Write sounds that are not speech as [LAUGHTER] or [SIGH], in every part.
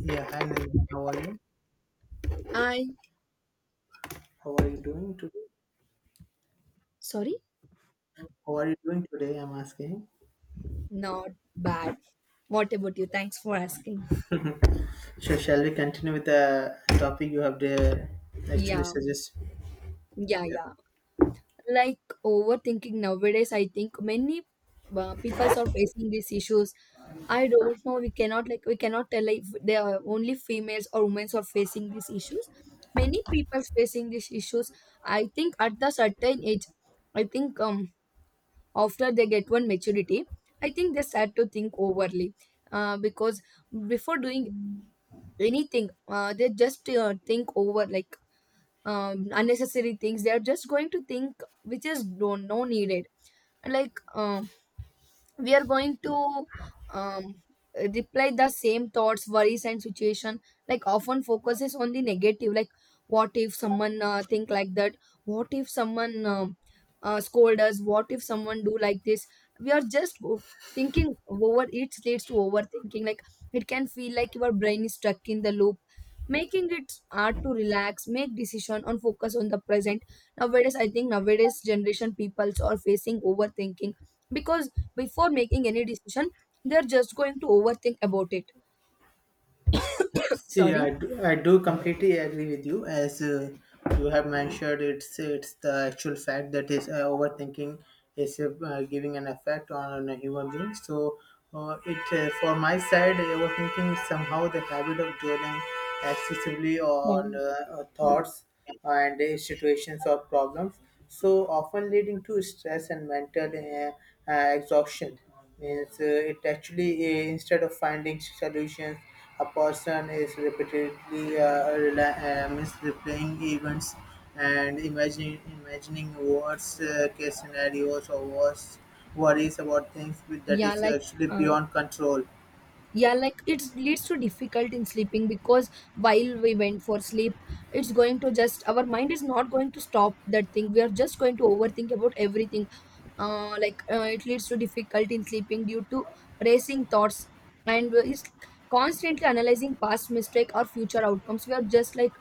Yeah, hi Nandini, how are you? I, How are you doing today? sorry, How are you doing today? I'm asking. not bad. What about you? Thanks for asking. So, shall we continue with the topic you have the actually Yeah, suggest? yeah, Yeah. yeah. Like overthinking nowadays, I think many peoples are facing these issues. I don't know. We cannot like we cannot tell like if they are only females or women are facing these issues. Many people facing these issues. I think at the certain age, I think after they get one maturity, I think they start to think overly. Because before doing anything they just think over like unnecessary things they are just going to think which is no, no needed like we are going to um, reply the same thoughts worries and situation like often focuses on the negative. Like what if someone think like that, what if someone scold us, what if someone do like this. We are just go- Thinking over it leads to overthinking. Like it can feel like your brain is stuck in the loop, making it hard to relax, make decision and focus on the present. Nowadays I think nowadays generation peoples are facing overthinking because before making any decision they're just going to overthink about it. See, Sorry. I do completely agree with you. As you have mentioned, it's the actual fact that is overthinking is giving an effect on a human being. So, it for my side, overthinking is somehow the habit of dwelling excessively on Sorry. Thoughts and situations or problems, so often leading to stress and mental exhaustion. Means it actually instead of finding solutions, a person is repeatedly means replaying events and imagining worst case scenarios or worst worries about things that Yeah is like actually uh, beyond control. yeah like it leads to difficult in sleeping because while we went for sleep it's going to just our mind is not going to stop that thing, we are just going to overthink about everything. Like it leads to difficulty in sleeping due to racing thoughts and is constantly analyzing past mistake or future outcomes. We are just like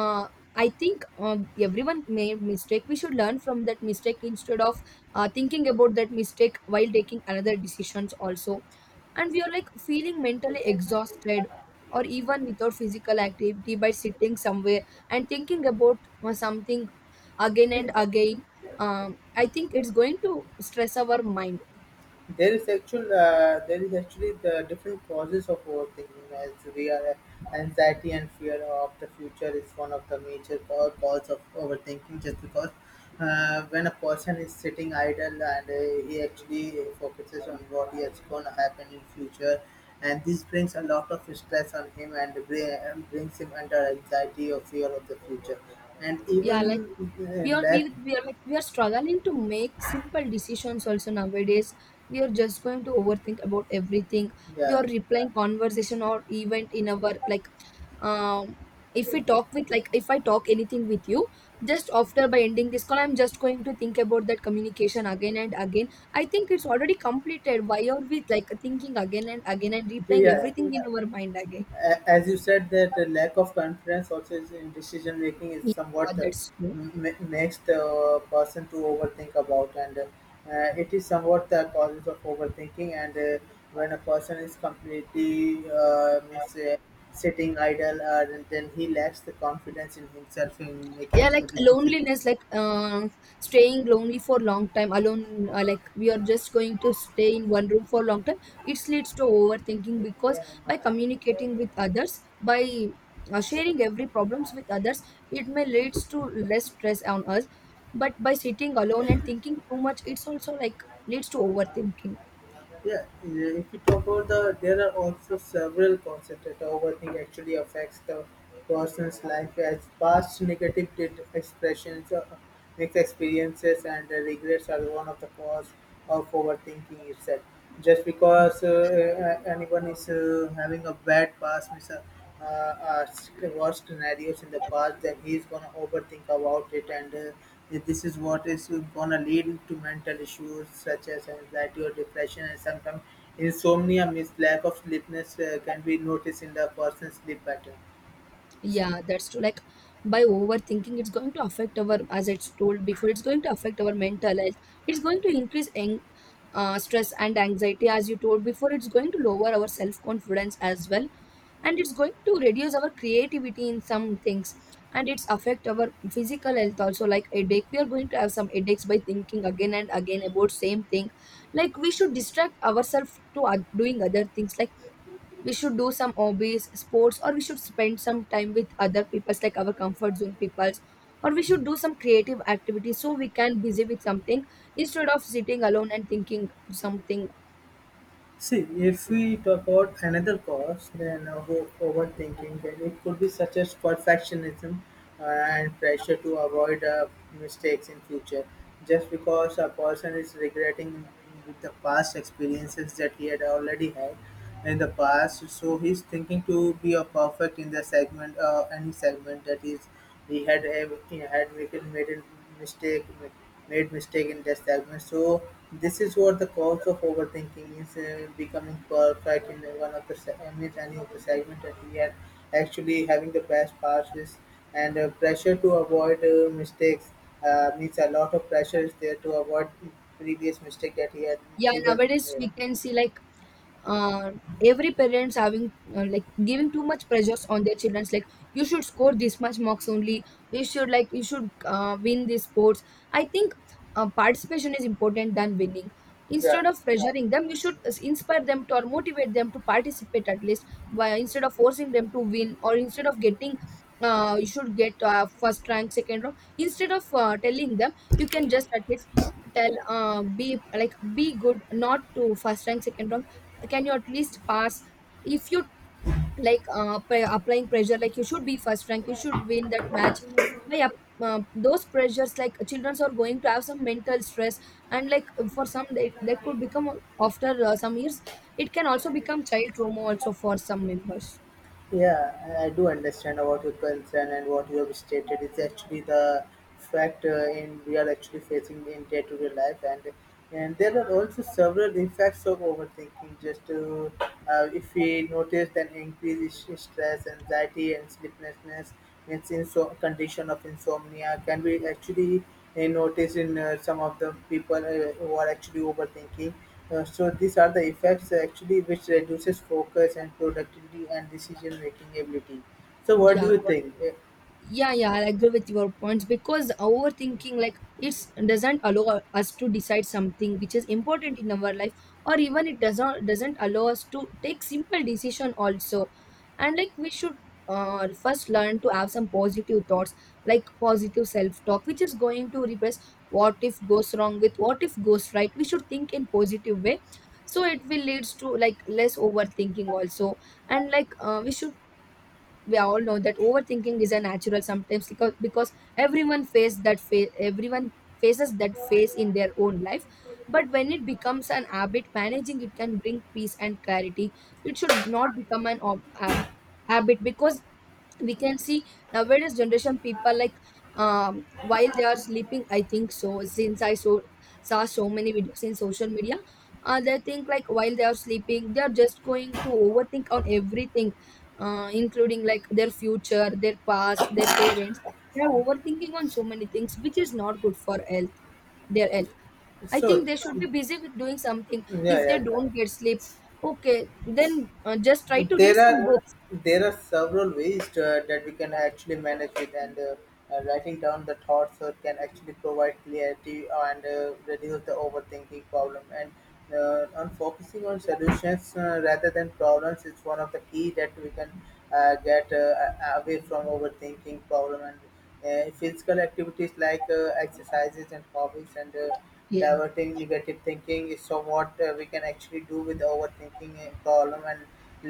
uh, I think everyone made mistake, we should learn from that mistake instead of thinking about that mistake while taking another decisions also. And we are like feeling mentally exhausted or even without physical activity by sitting somewhere and thinking about something again and again. I think it's going to stress our mind. There is actually the different causes of overthinking, as we are anxiety and fear of the future is one of the major cause of overthinking, just because when a person is sitting idle and he actually focuses on what is going to happen in future, and this brings a lot of stress on him, and and brings him under anxiety or fear of the future, and Yeah like even we are we, lack. we are like we are struggling to make simple decisions also nowadays. We are just going to overthink about everything. We are Yeah. replying conversation or event in our like um if we talk with like if I talk anything with you, just after by ending this call I'm just going to think about that communication again and again. I think it's already completed, why are we like thinking again and again and replaying [LAUGHS] Yeah. everything in our mind again. As you said, that the lack of confidence also is in decision making is Yeah, somewhat that's true. Makes the person to overthink about, and it is somewhat the causes of overthinking. And when a person is completely sitting idle, then he lacks the confidence in himself in Yeah making like the decision. loneliness like staying lonely for long time alone. Like we are just going to stay in one room for long time, it leads to overthinking because by communicating with others, by sharing every problems with others, it may leads to less stress on us. But by sitting alone and thinking too much it's also like leads to overthinking. Yeah, yeah, if you talk about there are also several concepts that overthink actually affects the person's life, as past negative expressions, mixed experiences, and regrets are one of the cause of overthinking itself. Just Yeah. because anyone is having a bad past, means, worst scenarios in the past, then he's gonna overthink about it, and this is what is gonna lead to mental issues such as anxiety or depression, and sometimes insomnia, means lack of sleepiness, can be noticed in the person's sleep pattern. Yeah, that's true. Like by overthinking it's going to affect our, as it's told before, it's going to affect our mental health. It's going to increase ang stress and anxiety. As you told before, it's going to lower our self confidence as well. And it's going to reduce our creativity in some things. And it's affect our physical health also, like headache, we are going to have some headaches by thinking again and again about same thing. Like we should distract ourselves to doing other things. Like we should do some hobbies, sports, or we should spend some time with other peoples like our comfort zone peoples, or we should do some creative activities so we can busy with something instead of sitting alone and thinking something. See, if we talk about another cause, then overthinking, then it could be such as perfectionism and pressure to avoid mistakes in future. Just because a person is regretting with the past experiences that he had already had in the past, so he's thinking to be a perfect in the segment, any segment that is he had had Mikel mistake made mistake in test segment. So this is what the cause of overthinking is, becoming perfect in one of the in any of the segment that he had actually having the best passes, and pressure to avoid mistakes, means a lot of pressure is there to avoid previous mistake that he had Yeah, even nowadays made. we can see like uh, every parents having like giving too much pressures on their childrens. Like you should score this much marks only, you should like you should win these sports. I think participation is important than winning. Yeah. Instead of pressuring them, you should inspire them to or motivate them to participate at least. By instead of forcing them to win or instead of getting you should get first rank, second row, instead of telling them, you can just at least tell be like be good, not to first rank, second rank. Can you at least pass. If you like applying pressure like you should be first rank, you should win that match. by up- those pressures like children are going to have some mental stress. And like for some they, that could become after some years. It can also become child trauma also for some members. Yeah, I do understand about your concern, and what you have stated is actually the fact in we are actually facing in day-to-day life. And there are also several effects of overthinking. If we notice an increase in stress, anxiety, and sleeplessness, and condition of insomnia can be actually noticed in some of the people who are actually overthinking, so these are the effects actually which reduces focus and productivity and decision making ability. So what do Yeah. you think? Uh, Yeah, yeah, I agree with your points because overthinking like it's doesn't allow us to decide something which is important in our life, or even it doesn't allow us to take simple decision also. And like we should first learn to have some positive thoughts, like positive self talk, which is going to replace what if goes wrong with what if goes right. We should think in positive way, so it will leads to like less overthinking also. And like we should, we all know that overthinking is a natural sometimes because everyone faces that phase in their own life. But when it becomes an habit, managing it can bring peace and clarity. It should not become an habit because we can see nowadays generation people like while they are sleeping, I think so, since I so saw so many videos in social media. They think like while they are sleeping they are just going to overthink on everything. Including like their future, their past, their parents, they are overthinking on so many things which is not good for health, their health. I think So they should mm, be busy with doing something yeah, if they yeah, don't get sleep. Okay, then just try to read there some are books. Several ways that we can actually manage it. And writing down the thoughts can actually provide clarity and reduce the overthinking problem. And on focusing on solutions rather than problems is one of the key that we can get away from overthinking problem, and physical activities like exercises and hobbies, and Yeah. diverting negative thinking is so what we can actually do with overthinking a problem, and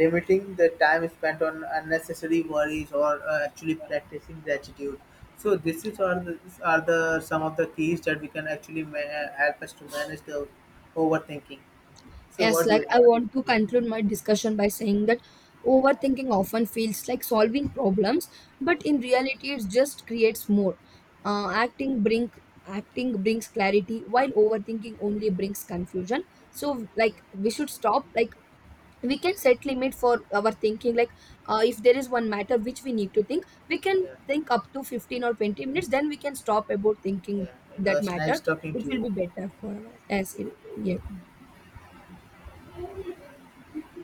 limiting the time spent on unnecessary worries, or actually practicing gratitude. So this is are the, these are the some of the keys that we can actually help us to manage the overthinking. So Yes, what do like you I think? want to conclude my discussion by saying that overthinking often feels like solving problems, but in reality, it just creates more. Uh, acting bring Acting brings clarity, while overthinking only brings confusion. So, like we should stop. Like we can set limit for our thinking. Like if there is one matter which we need to think, we can Yeah, think up to 15 or 20 minutes. Then we can stop about thinking yeah, it that was nice matter. talking It to you. will be better for our as in yeah.